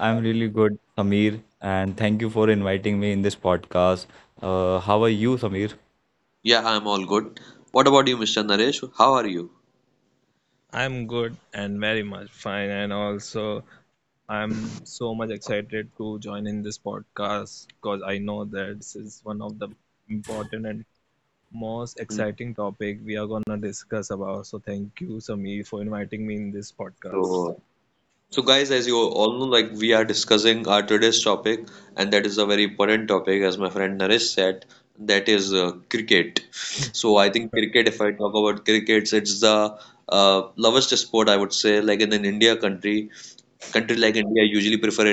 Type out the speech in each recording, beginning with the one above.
I'm really good, Samir, and thank you for inviting me in this podcast. How are you, Samir? Yeah, I'm all good. What about you, Mr. Naresh? How are you? I'm good and very much fine, and also I'm so much excited to join in this podcast because I know that this is one of the important and most Hmm. exciting topic we are gonna discuss about. So thank you, Samir, for inviting me in this podcast. So, so guys, as you all know, like we are discussing our today's topic, and that is a very important topic, as my friend Naresh said, that is cricket. So I think cricket, if I talk about cricket, it's the lovest sport, I would say, like in an India country. Countries like India usually prefer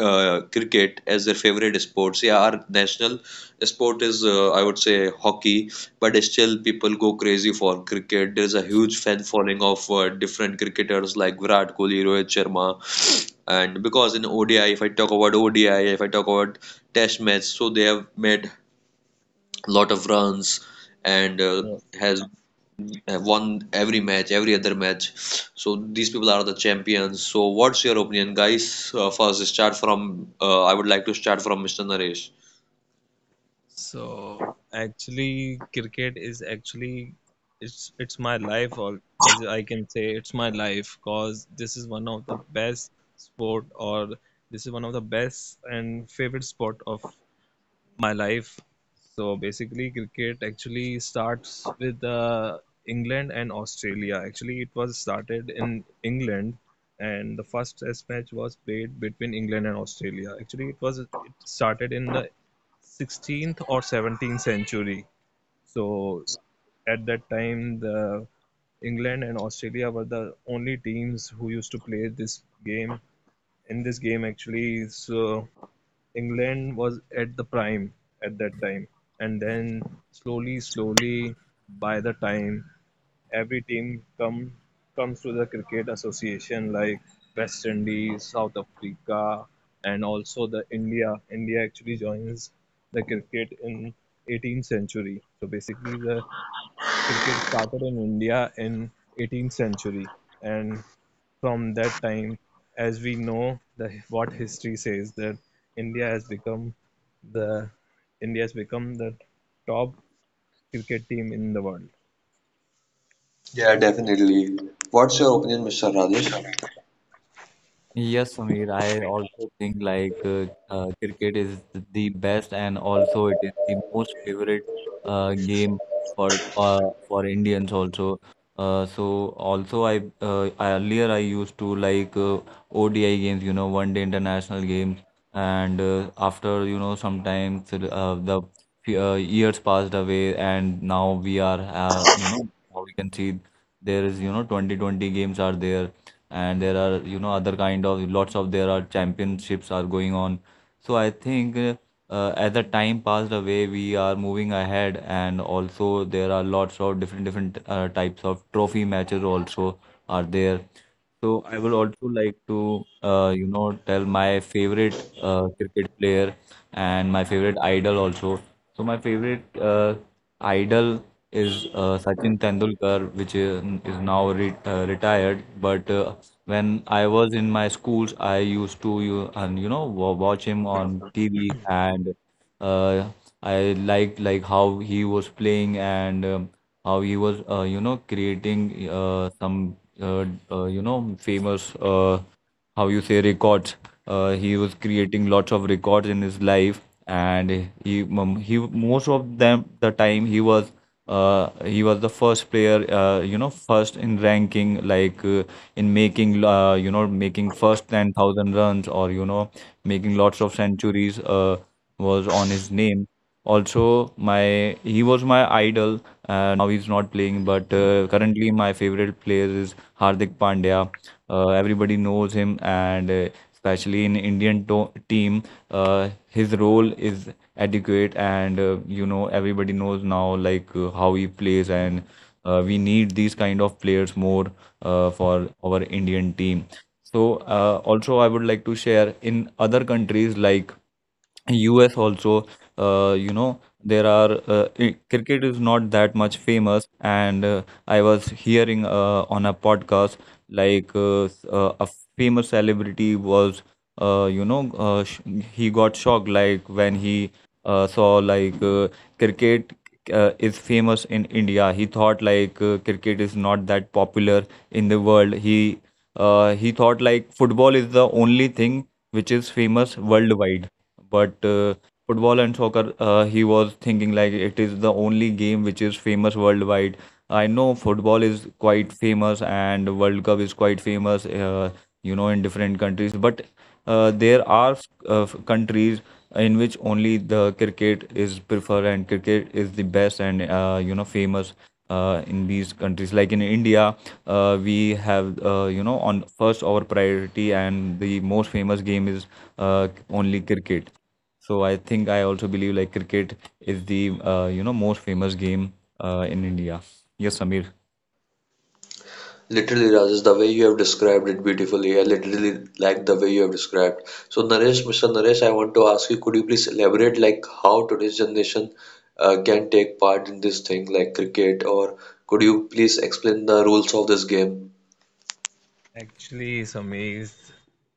cricket as their favorite sports. Yeah, our national sport is, I would say, hockey, but still people go crazy for cricket. There's a huge fan following of different cricketers like Virat Kohli, Rohit Sharma, and because in ODI, if I talk about ODI, if I talk about Test match, so they have made lot of runs and Yes. has Yes. have won every match, every other match. So these people are the champions. So what's your opinion, guys? First, start from. I would like to start from Mr. Naresh. So actually, cricket is actually it's my life, or as I can say, it's my life, cause this is one of the best sport, or this is one of the best and favorite sport of my life. So basically, cricket actually starts with England and Australia. Actually, it was started in England, and the first Test match was played between England and Australia. Actually, it was it started in the 16th or 17th century. So at that time, the England and Australia were the only teams who used to play this game. In this game, actually, so England was at the prime at that time, and then slowly, slowly, by the time every team comes to the cricket association like West Indies, South Africa, and also the India. India actually joins the cricket in 18th century. So basically, the cricket started in India in 18th century, and from that time, as we know, the what history says that India has become the India has become the top cricket team in the world. Yeah, definitely. What's your opinion, Mr. Rajesh? Yes, Sameer, I also think like cricket is the best, and also it is the most favorite game for uh, for Indians also. So also I earlier I used to like ODI games, you know, one day international games, and after you know sometimes the years passed away, and now we are you know now we can see there is you know 2020 games are there, and there are you know other kind of lots of there are championships are going on. So I think as the time passed away we are moving ahead, and also there are lots of different different types of trophy matches also are there. So I would also like to you know tell my favorite cricket player and my favorite idol also. So my favorite idol is Sachin Tendulkar, which is now retired, but when I was in my schools, I used to you and you know wa- watch him on TV, and uh, I liked like how he was playing, and how he was you know creating some you know famous how you say records. He was creating lots of records in his life, and he most of them the time he was the first player you know first in ranking like in making you know making first 10,000 runs or you know making lots of centuries was on his name. Also, my he was my idol. Now he's not playing, but currently my favorite player is Hardik Pandya. Everybody knows him, and especially in Indian team, his role is adequate, and you know everybody knows now like how he plays, and we need these kind of players more for our Indian team. So also I would like to share in other countries like US also, you know, there are cricket is not that much famous, and I was hearing on a podcast like a famous celebrity was, you know, sh he got shocked like when he saw like cricket is famous in India. He thought like cricket is not that popular in the world. He thought like football is the only thing which is famous worldwide, but Yes. Football and soccer, he was thinking like it is the only game which is famous worldwide. I know football is quite famous and World Cup is quite famous you know in different countries, but there are countries in which only the cricket is preferred, and cricket is the best and you know famous in these countries. Like in India, we have you know on first our priority and the most famous game is only cricket. So I think I also believe like cricket is the you know most famous game in India. Yes, Samir. Literally, Rajesh, the way you have described it beautifully. I literally like the way you have described. So, Mr. Naresh, I want to ask you, could you please elaborate like how today's generation can take part in this thing like cricket, or could you please explain the rules of this game? Actually, it's amazed.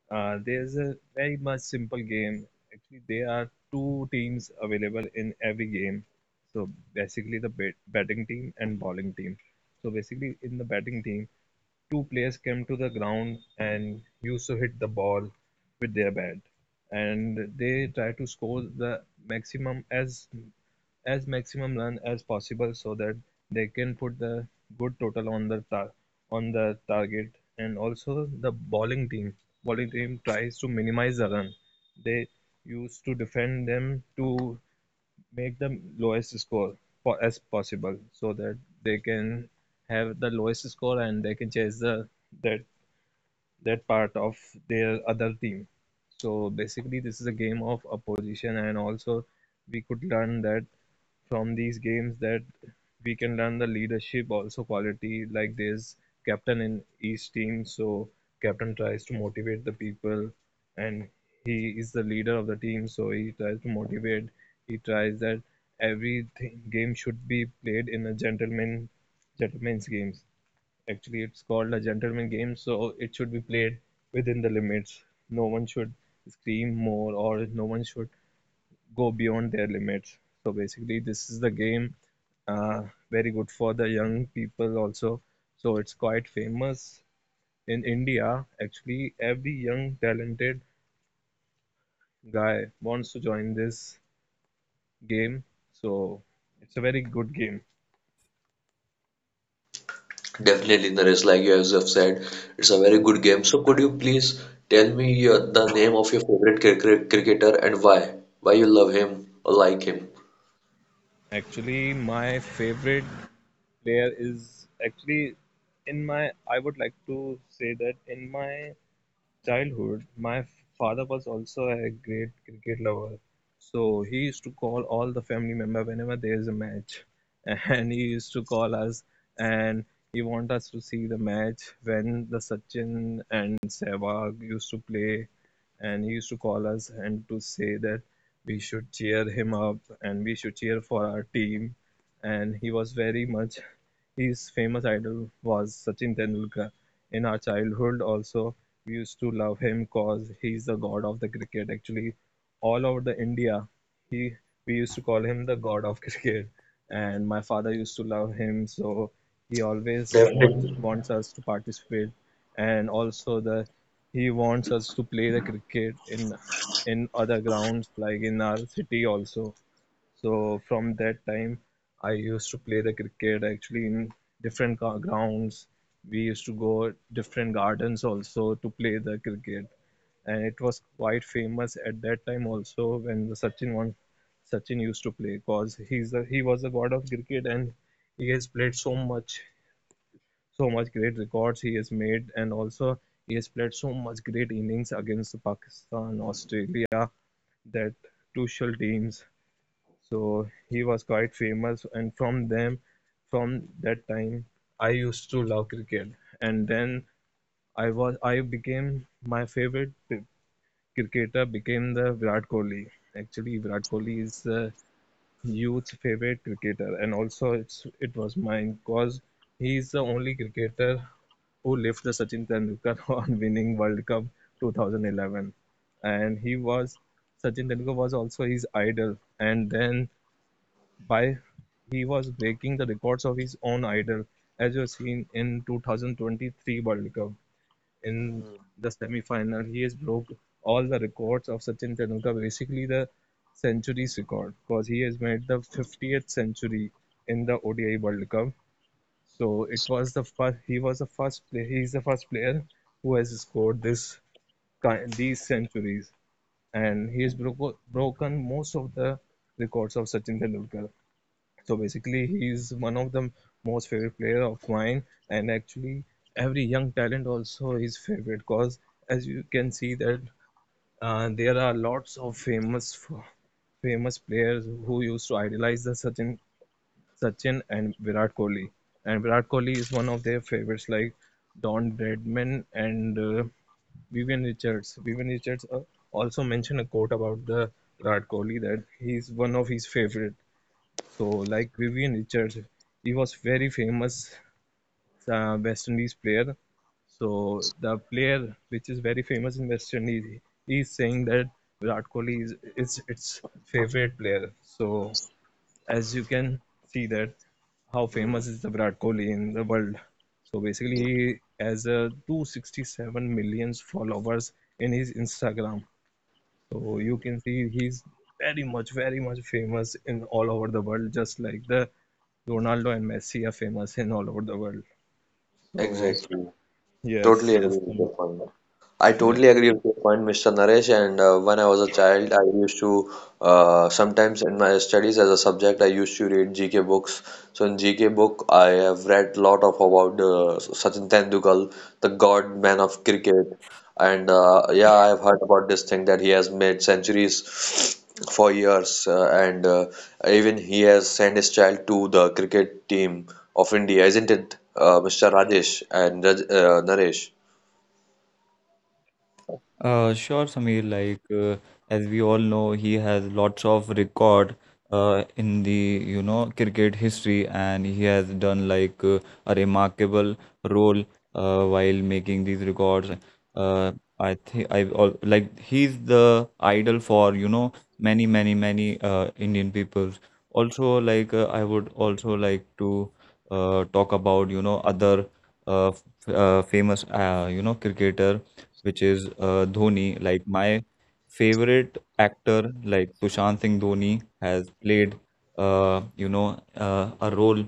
There's a very much simple game. Actually, there are two teams available in every game. So basically, the batting team and bowling team. So basically, in the batting team, two players came to the ground and used to hit the ball with their bat, and they try to score the maximum as maximum run as possible so that they can put the good total on the on the target, and also the bowling team tries to minimize the run, they used to defend them to make the lowest score as possible so that they can have the lowest score, and they can chase the that that part of their other team. So basically, this is a game of opposition, and also we could learn that from these games that we can learn the leadership also quality, like there's captain in each team, so captain tries to motivate the people and he is the leader of the team, so he tries to motivate, he tries that every game should be played in a gentleman's games. Actually, it's called a gentleman game, so it should be played within the limits, no one should scream more or no one should go beyond their limits. So basically, this is the game, uh, very good for the young people also. So it's quite famous in India. Actually, every young talented guy wants to join this game. So it's a very good game. Definitely, Naresh, like you have said, it's a very good game. So, could you please tell me your, the name of your favorite cricketer and why? Why you love him or like him? Actually, my favorite player is actually in my. I would like to say that in my childhood, my father was also a great cricket lover. So he used to call all the family member whenever there is a match, and he used to call us, and he want us to see the match when the Sachin and Sehwag used to play, and he used to call us and to say that we should cheer him up and we should cheer for our team. And he was very much, his famous idol was Sachin Tendulkar. In our childhood also, we used to love him, cause he's the god of the cricket. Actually, all over the India, he we used to call him the god of cricket. And my father used to love him, so he always wants Definitely. wants us to participate. And also the he wants us to play the cricket in other grounds like in our city also, so from that time, I used to play the cricket actually in different grounds. We used to go different gardens also to play the cricket, and it was quite famous at that time also when the Sachin used to play, because he was the god of cricket and he has played so much great records he has made, and also he has played so much great innings against Pakistan, Australia, that crucial teams, so he was quite famous. And from that time, I used to love cricket. And then I became my favorite cricketer became the Virat Kohli. Actually, Virat Kohli is the youth's favorite cricketer, and also it was mine because he is the only cricketer who left the Sachin Tendulkar on winning World Cup 2011, and he was Sachin Tendulkar was also his idol, and then by he was breaking the records of his own idol, as you have seen in 2023 World Cup in the semi-final, he has broke all the records of Sachin Tendulkar, basically the centuries record, because he has made the 50th century in the ODI World Cup. So it was the first he was the first player he is the first player who has scored this kind these centuries, and he has broken most of the records of Sachin Tendulkar. So basically, he's one of the most favorite player of mine, and actually, every young talent also is favorite because as you can see that there are lots of famous famous players who used to idolize the Sachin and Virat Kohli is one of their favorites like Don Bradman and Vivian Richards. Vivian Richards also mentioned a quote about the Virat Kohli that he's one of his favorite, so, like Vivian Richards, he was very famous West Indies player. So the player which is very famous in West Indies, he is saying that Virat Kohli is it's its favorite player. So as you can see that how Hmm, famous is the Virat Kohli in the world. So basically, he has 267 million followers in his Instagram. So you can see he's very much, very much famous in all over the world, just like the Ronaldo and Messi are famous in all over the world. So exactly. yes, Totally yes, agree with your point. I yeah, totally agree with your point, Mr. Naresh. And when I was a child, I used to sometimes in my studies as a subject, I used to read GK books. So in GK book, I have read lot of about Sachin Tendulkar, the god man of cricket. And yeah, I've heard about this thing that he has made centuries for years, and even he has sent his child to the cricket team of India, isn't it, Mr. Rajesh and Naresh? Sure, Samir. Like as we all know, he has lots of record in the you know cricket history, and he has done like a remarkable role while making these records. uh, I think like he's the idol for you know many many many Indian peoples. Also, like I would also like to talk about you know other famous you know cricketer, which is Dhoni. Like my favorite actor, like Sushant Singh Dhoni, has played you know a role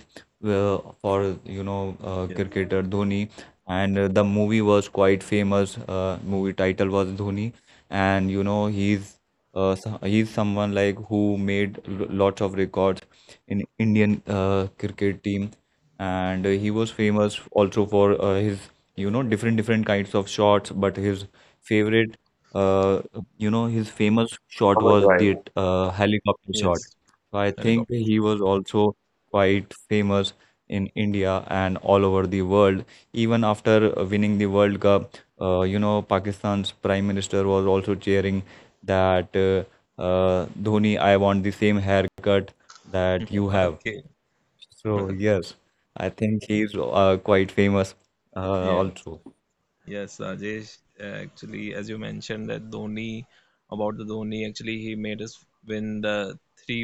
for you know cricketer Dhoni, and the movie was quite famous. Movie title was Dhoni, and you know he's he's someone like who made lots of records in Indian cricket team, and he was famous also for his you know different different kinds of shots, but his favorite uh you know his famous shot How much was right? the helicopter shot. yes. So I think Helicopter. he was also quite famous in India and all over the world. Even after winning the World Cup, you know Pakistan's prime minister was also cheering that Dhoni, I want the same haircut that you have. Okay. So yes, I think he's quite famous Yes, also. yes, Rajesh. Actually, as you mentioned that Dhoni, about the Dhoni, actually he made us win the three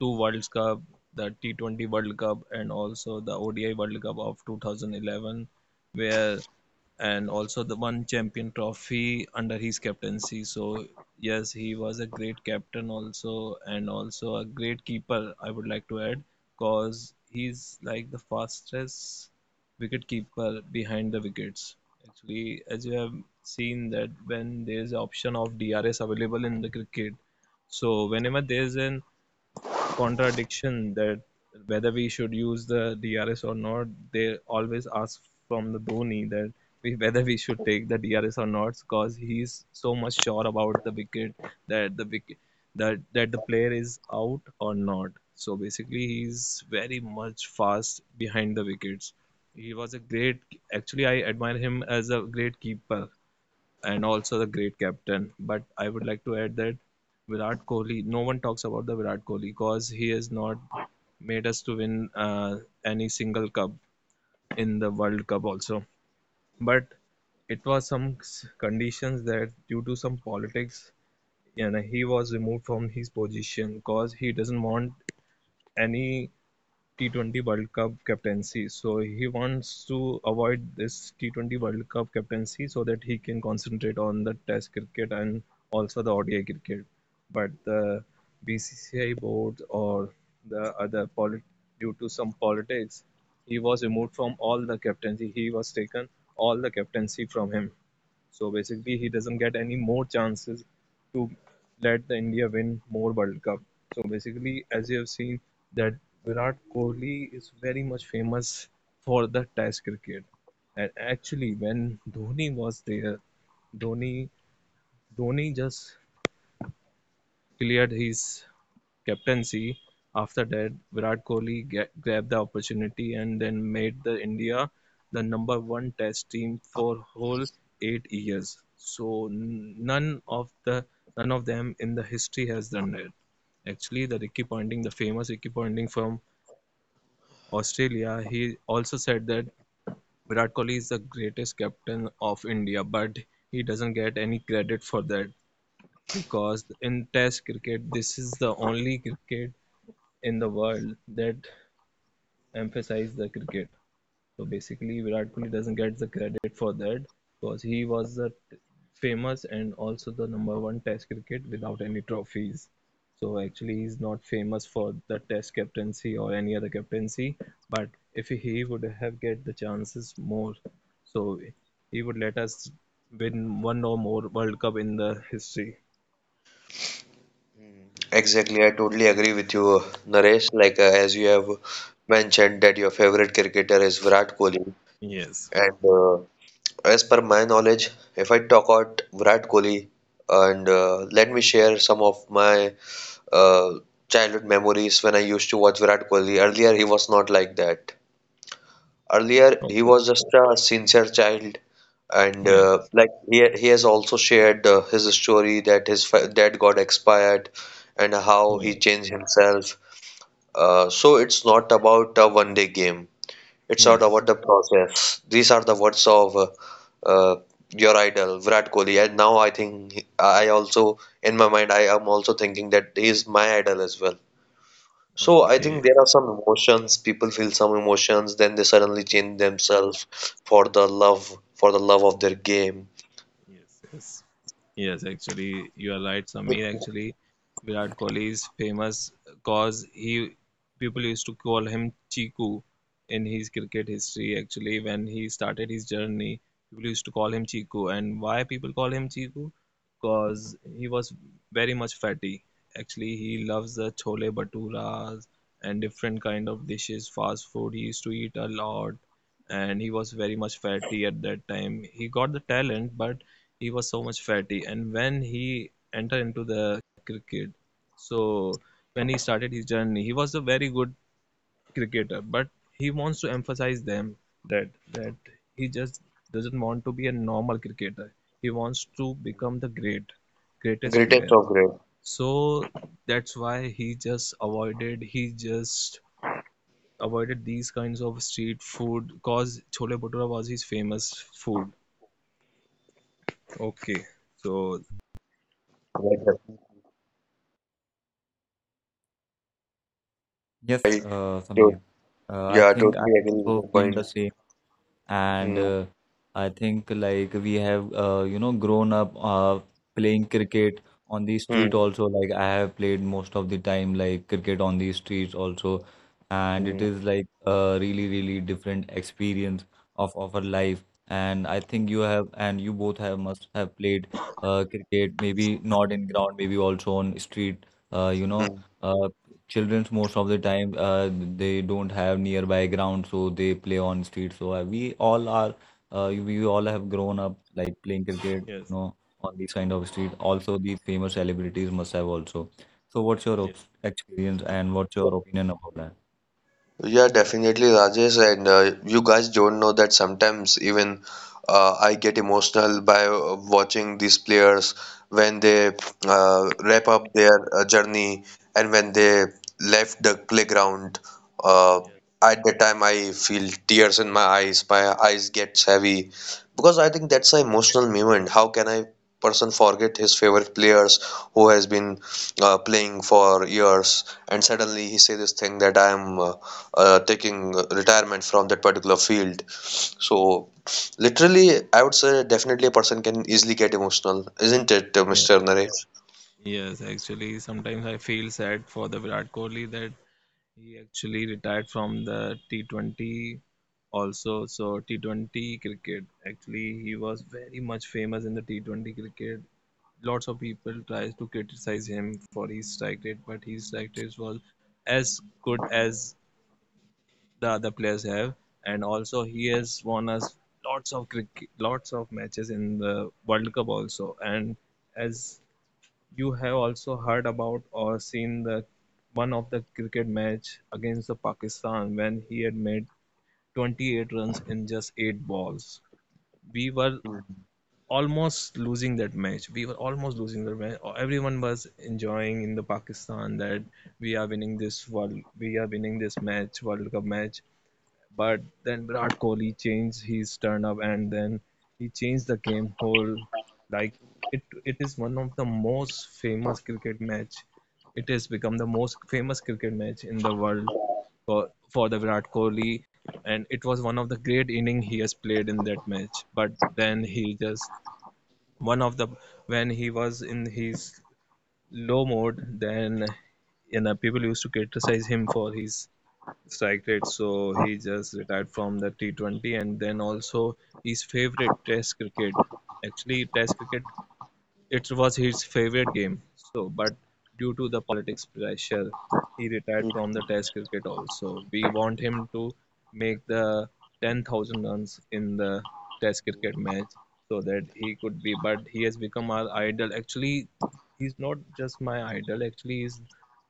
two World Cup, the T20 World Cup, and also the ODI World Cup of 2011, where and also the one champion trophy under his captaincy. So yes, he was a great captain also, and also a great keeper. I would like to add, cause he's like the fastest wicket keeper behind the wickets. Actually, as you have seen that when there is an option of DRS available in the cricket, so whenever there is an contradiction that whether we should use the DRS or not, they always ask from the Dhoni that whether we should take the DRS or not, because he's so much sure about the wicket that the wicket that the player is out or not. So basically, he's very much fast behind the wickets. He was a great. Actually, I admire him as a great keeper and also the great captain. But I would like to add that Virat Kohli, no one talks about the Virat Kohli because he has not made us to win any single cup in the World Cup also. But it was some conditions that due to some politics, he was removed from his position because he doesn't want any T20 World Cup captaincy. So he wants to avoid this T20 World Cup captaincy so that he can concentrate on the Test cricket and also the ODI cricket. But the BCCI board or the other due to some politics, he was removed from all the captaincy. He was taken all the captaincy from him. So basically, he doesn't get any more chances to let the India win more World Cup. So basically, as you have seen, that Virat Kohli is very much famous for the Test cricket. And actually, when Dhoni was there, Dhoni Dhoni just cleared his captaincy. After that, Virat Kohli grabbed the opportunity, and then made the India the number one test team for whole 8 years. So none of the none of them in the history has done that. Actually, the Ricky Ponting, the famous Ricky Ponting from Australia, he also said that Virat Kohli is the greatest captain of India, but he doesn't get any credit for that because in Test cricket, this is the only cricket in the world that emphasize the cricket. So basically, Virat Kohli doesn't get the credit for that because he was the famous and also the number one Test cricket without any trophies. So actually, he's not famous for the Test captaincy or any other captaincy. But if he would have get the chances more, so he would let us win one or more World Cup in the history. Exactly, I totally agree with you, Naresh. Like as you have mentioned that your favorite cricketer is Virat Kohli, Yes. and as per my knowledge, if I talk about Virat Kohli, and let me share some of my uh, childhood memories when I used to watch Virat Kohli. Earlier, he was not like that. Earlier, he Okay. was just a sincere child, and Yes. like he has also shared his story that his dad got expired, and how he Yeah. changed himself. So it's not about a one day game. It's not Yes. about the process. These are the words of uh, your idol Virat Kohli, and now I think I also, in my mind, I am also thinking that he is my idol as well. So I think Okay. there are some emotions, people feel some emotions, then they suddenly change themselves for the love of their game. Yes, yes. Yes, actually, you are right, Samir. Actually, Virat Kohli is famous because he people used to call him Chiku in his cricket history. Actually, when he started his journey, people used to call him Chiku. And why people call him Chiku? Because he was very much fatty. Actually, he loves the chole bhaturas and different kind of dishes, fast food. He used to eat a lot, and he was very much fatty at that time. He got the talent, but he was so much fatty. And when he entered into the cricket, so when he started his journey, he was a very good cricketer, but he wants to emphasize them that he just doesn't want to be a normal cricketer. He wants to become the greatest Greatest player. of great. So that's why he just avoided, these kinds of street food, cause chole bhatura was his famous food. Okay, so Like, Yes, I to, Sameer. I yeah, I think I totally agree with also your feel point. the same, and Hmm, I think like we have, you know, grown up playing cricket on the street hmm, also. Like I have played most of the time, like cricket on the streets also, and it hmm, is like a really, really different experience of our life. And I think you have, and you both have must have played cricket, maybe not in ground, maybe also on street. Hmm. Uh, children's most of the time they don't have nearby ground, so they play on street. So we all are we all have grown up like playing cricket you yes, know on these kind of street also. These famous celebrities must have also. So what's your hmm. Yes, experience, and what's your opinion about that? Yeah, definitely, Rajesh. And you guys don't know that sometimes even I get emotional by watching these players when they wrap up their journey and when they left the playground. Uh, yes, at the time, I feel tears in my eyes. My eyes get heavy because I think that's an emotional moment. How can I person forget his favorite players who has been playing for years and suddenly he say this thing that I am. Taking retirement from that particular field. So, literally, I would say definitely a person can easily get emotional, isn't it, yes, Mr. Naresh? yes. Actually, sometimes I feel sad for the Virat Kohli that he actually retired from the T20 also. So T20 cricket, actually, he was very much famous in the T20 cricket. Lots of people tries to criticize him for his strike rate, but his strike rate was as good as the other players have, and also he has won us lots of cricket, lots of matches in the World Cup also. And as you have also heard about or seen the one of the cricket match against the Pakistan when he had made 28 runs in just 8 balls. We were almost losing that match. We were almost losing the match. Everyone was enjoying in the Pakistan that we are winning this world, we are winning this match, World Cup match. But then Virat Kohli changed his turn up and then he changed the game whole. Like, it is one of the most famous cricket match. It has become the most famous cricket match in the world for the Virat Kohli, and it was one of the great inning he has played in that match. But then he just one of the when he was in his low mode, then you know people used to criticize him for his strike rate. So he just retired from the T20 and then also his favorite Test cricket. Actually, Test cricket, it was his favorite game, so but due to the politics pressure, he retired from the Test cricket also. We want him to make the 10,000 runs in the Test cricket match so that he could be, but he has become our idol. Actually, he's not just my idol, actually, he's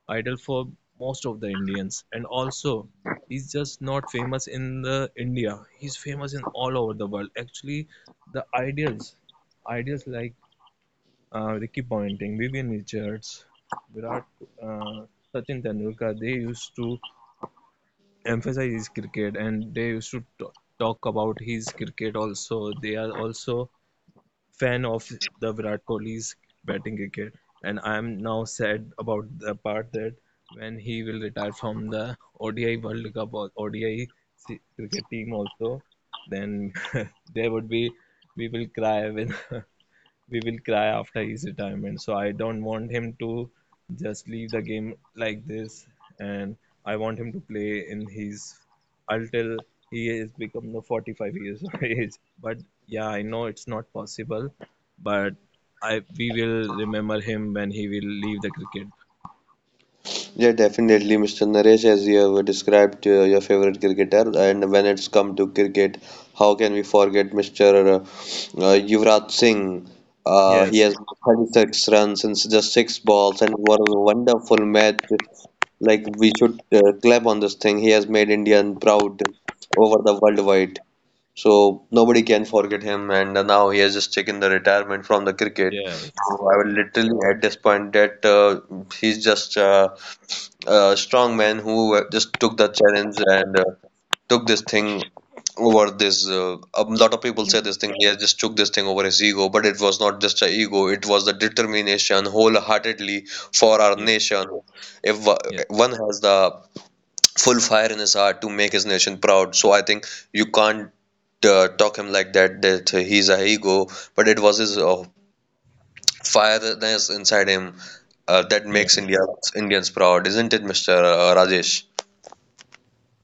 idol for most of the Indians. And also, he's just not famous in the India. He's famous in all over the world. Actually, the ideals, ideals like Ricky Ponting, Vivian Richards, Virat, uh, Sachin Tendulkar, they used to emphasize his cricket and they used to talk about his cricket also. They are also fan of the Virat Kohli's batting cricket. And I am now sad about the part that when he will retire from the ODI World Cup or ODI cricket team also, then there would be we will cry when we will cry after his retirement. So I don't want him to just leave the game like this, and I want him to play in his until he has become the 45 years of age. But yeah, I know it's not possible, but I we will remember him when he will leave the cricket. Yeah, definitely, Mr. Naresh, as you have described your favorite cricketer, and when it's come to cricket, how can we forget Mr. Yuvraj Singh? He Yes, has 36 runs in just 6 balls, and what a wonderful match! Like we should clap on this thing. He has made Indian proud over the worldwide. So nobody can forget him, and now he has just taken the retirement from the cricket. yes, So I would yes, literally at this point that he's just a strong man who just took the challenge and took this thing over this. A lot of people say this yes, thing. He has just took this thing over his ego, but it was not just a ego. It was the determination wholeheartedly for our yes, nation. If yes, one has the full fire in his heart to make his nation proud. So I think you can't talk him like that, that he's a ego, but it was his fireness inside him that makes Indians proud, isn't it, Mr. Rajesh?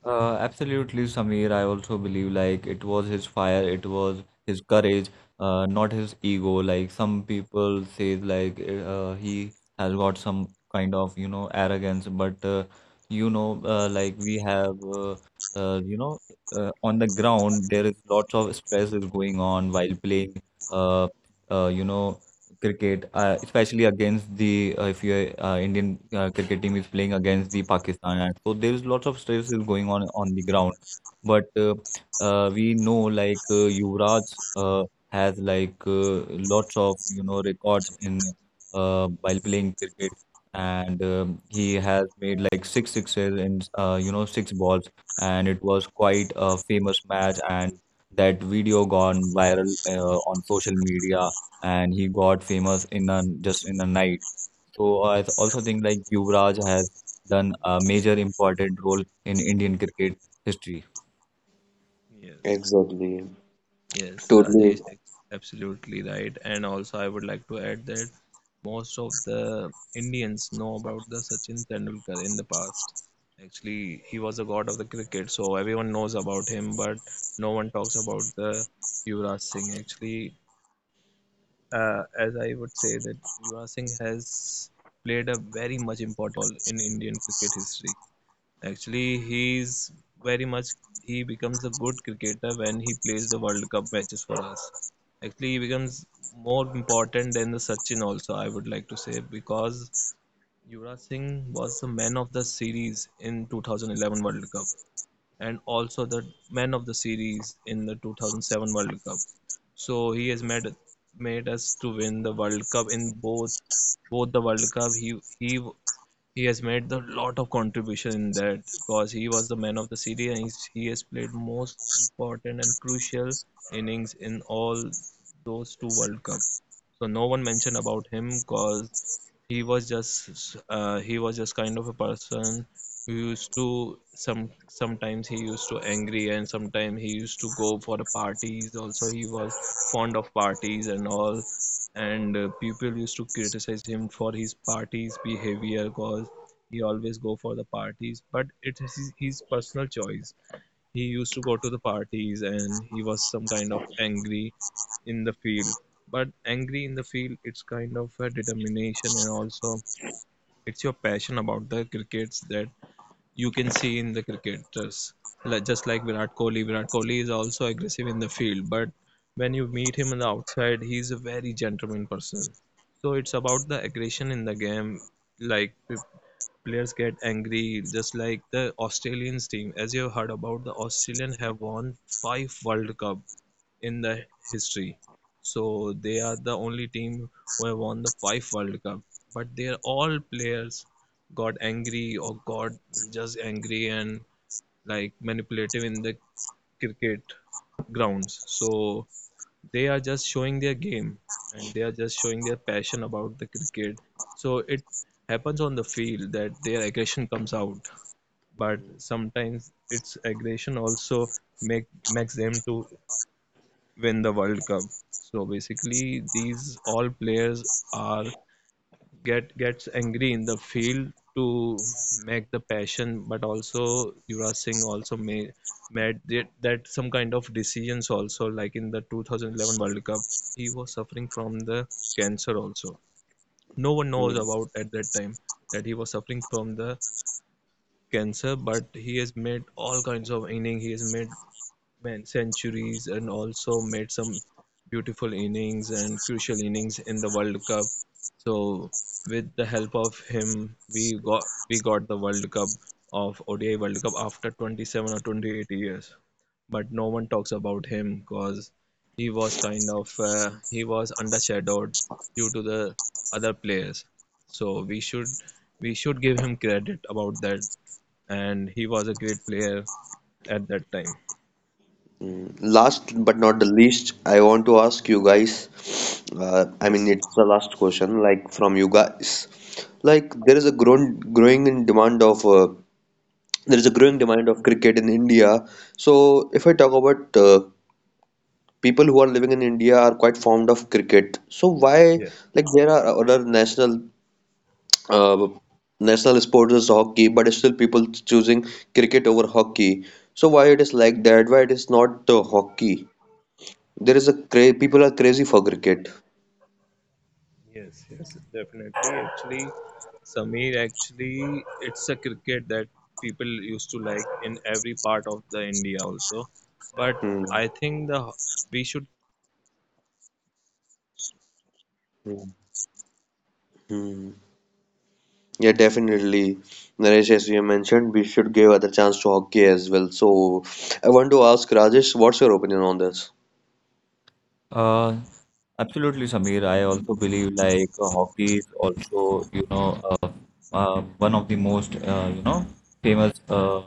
Absolutely, Samir. I also believe like it was his fire, it was his courage, not his ego. Like some people say, like he has got some kind of you know arrogance, but you know, like we have, you know, on the ground there is lots of stress is going on while playing. Uh, you know, cricket, especially against the if your Indian cricket team is playing against the Pakistan, and so there is lots of stress is going on the ground. But we know like Yuvraj has like lots of you know records in while playing cricket, and he has made like six sixes in you know six balls, and it was quite a famous match, and that video gone viral on social media, and he got famous in a just in a night. So I also think like Yuvraj has done a major important role in Indian cricket history. yes, yes. Exactly. Yes, Totally. Rajesh, absolutely right. And also, I would like to add that most of the Indians know about the Sachin Tendulkar in the past. Actually, he was a god of the cricket, so everyone knows about him, but no one talks about the Yuvraj Singh. Actually, as I would say that Yuvraj Singh has played a very much important role in Indian cricket history. Actually, he's very much he becomes a good cricketer when he plays the World Cup matches for us. Actually, he becomes more important than the Sachin also, I would like to say, because Yuvraj Singh was the man of the series in 2011 World Cup and also the man of the series in the 2007 World Cup. So he has made us to win the World Cup in both the World Cup. He has made a lot of contribution in that because he was the man of the series and he's, he has played most important and crucial innings in all those two World Cups. So no one mentioned about him because he was just kind of a person who used to sometimes he used to angry and sometimes he used to go for the parties also. He was fond of parties and all, and people used to criticize him for his party's behavior because he always go for the parties, but it is his personal choice. He used to go to the parties and he was some kind of angry in the field, but angry in the field, it's kind of a determination and also it's your passion about the crickets that you can see in the cricketers. Like, just like Virat Kohli, Virat Kohli is also aggressive in the field, but when you meet him on the outside, he's a very gentleman person. So it's about the aggression in the game. Like players get angry, just like the Australians team. As you have heard about, the Australian have won five World Cup in the history. So they are the only team who have won the five World Cup. But they are all players got angry or got just angry and like manipulative in the cricket grounds. So they are just showing their game and they are just showing their passion about the cricket. So it happens on the field that their aggression comes out, but Mm, sometimes its aggression also makes them to win the World Cup. So basically, these all players are gets angry in the field to make the passion, but also Yuvraj Singh also made that, that some kind of decisions also. Like in the 2011 World Cup, he was suffering from the cancer also. No one knows about at that time that he was suffering from the cancer, but he has made all kinds of innings. He has made man, centuries and also made some beautiful innings and crucial innings in the World Cup. So with the help of him, we got the World Cup of ODI World Cup after 27 or 28 years. But no one talks about him because he was kind of he was undershadowed due to the other players. So we should give him credit about that. And he was a great player at that time. mm. Last but not the least, I want to ask you guys. I mean, Yes. it's the last question, like from you guys. Like, there is a grown growing in demand of there is a growing demand of cricket in India. So, if I talk about people who are living in India are quite fond of cricket. So, why like there are other national uh, national sports is hockey, but still people choosing cricket over hockey. So, why it is like that? Why it is not hockey? There is a cra people are crazy for cricket. Yes, yes, definitely. Actually, Sameer, actually, it's a cricket that people used to like in every part of the India also. But Hmm. I think the we should Hmm. Hmm. Yeah, definitely. Naresh, as you mentioned, we should give other chance to hockey as well. So I want to ask Rajesh, what's your opinion on this? Uh, absolutely, Samir. I also believe like hockey is also, you know, one of the most, you know, famous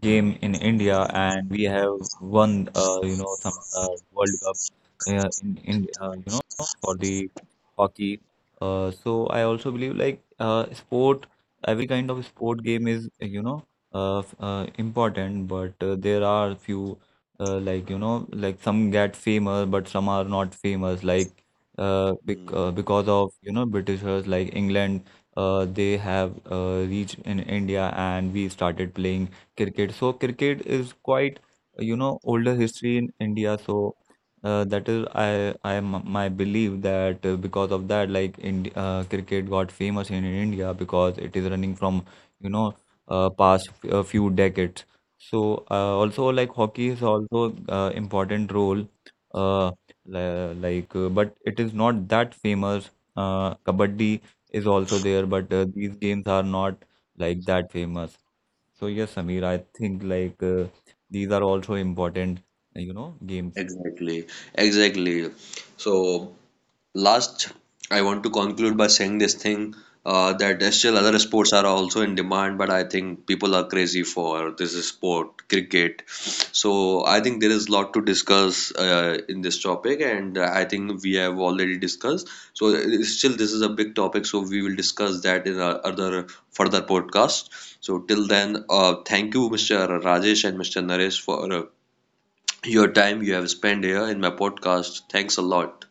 game in India, and we have won, you know, some World Cup in you know, for the hockey. So I also believe like sport, every kind of sport game is, you know, important, but there are few like you know like some get famous but some are not famous, like Mm, because of you know Britishers like England, they have reached in India, and we started playing cricket. So cricket is quite you know older history in India. So that is my belief that because of that like Indi cricket got famous in India because it is running from you know past few decades. So also like hockey is also important role uh, but it is not that famous. Kabaddi is also there, but these games are not like that famous. So yes, Samir, I think like these are also important, you know, games. exactly, exactly. So last, I want to conclude by saying this thing that yes, still other sports are also in demand, but I think people are crazy for this sport, cricket. So I think there is a lot to discuss in this topic, and I think we have already discussed. So still, this is a big topic, so we will discuss that in our other further podcast. So till then, thank you, Mr. Rajesh and Mr. Naresh, for your time you have spent here in my podcast. Thanks a lot.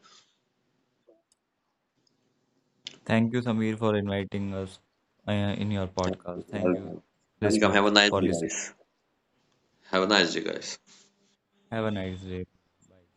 Thank you, Samir, for inviting us in your Thank podcast. you. Thank you, Welcome. Welcome. Have a listeners, nice for day, listening. guys. Have a nice day, guys. Have a nice day. Bye.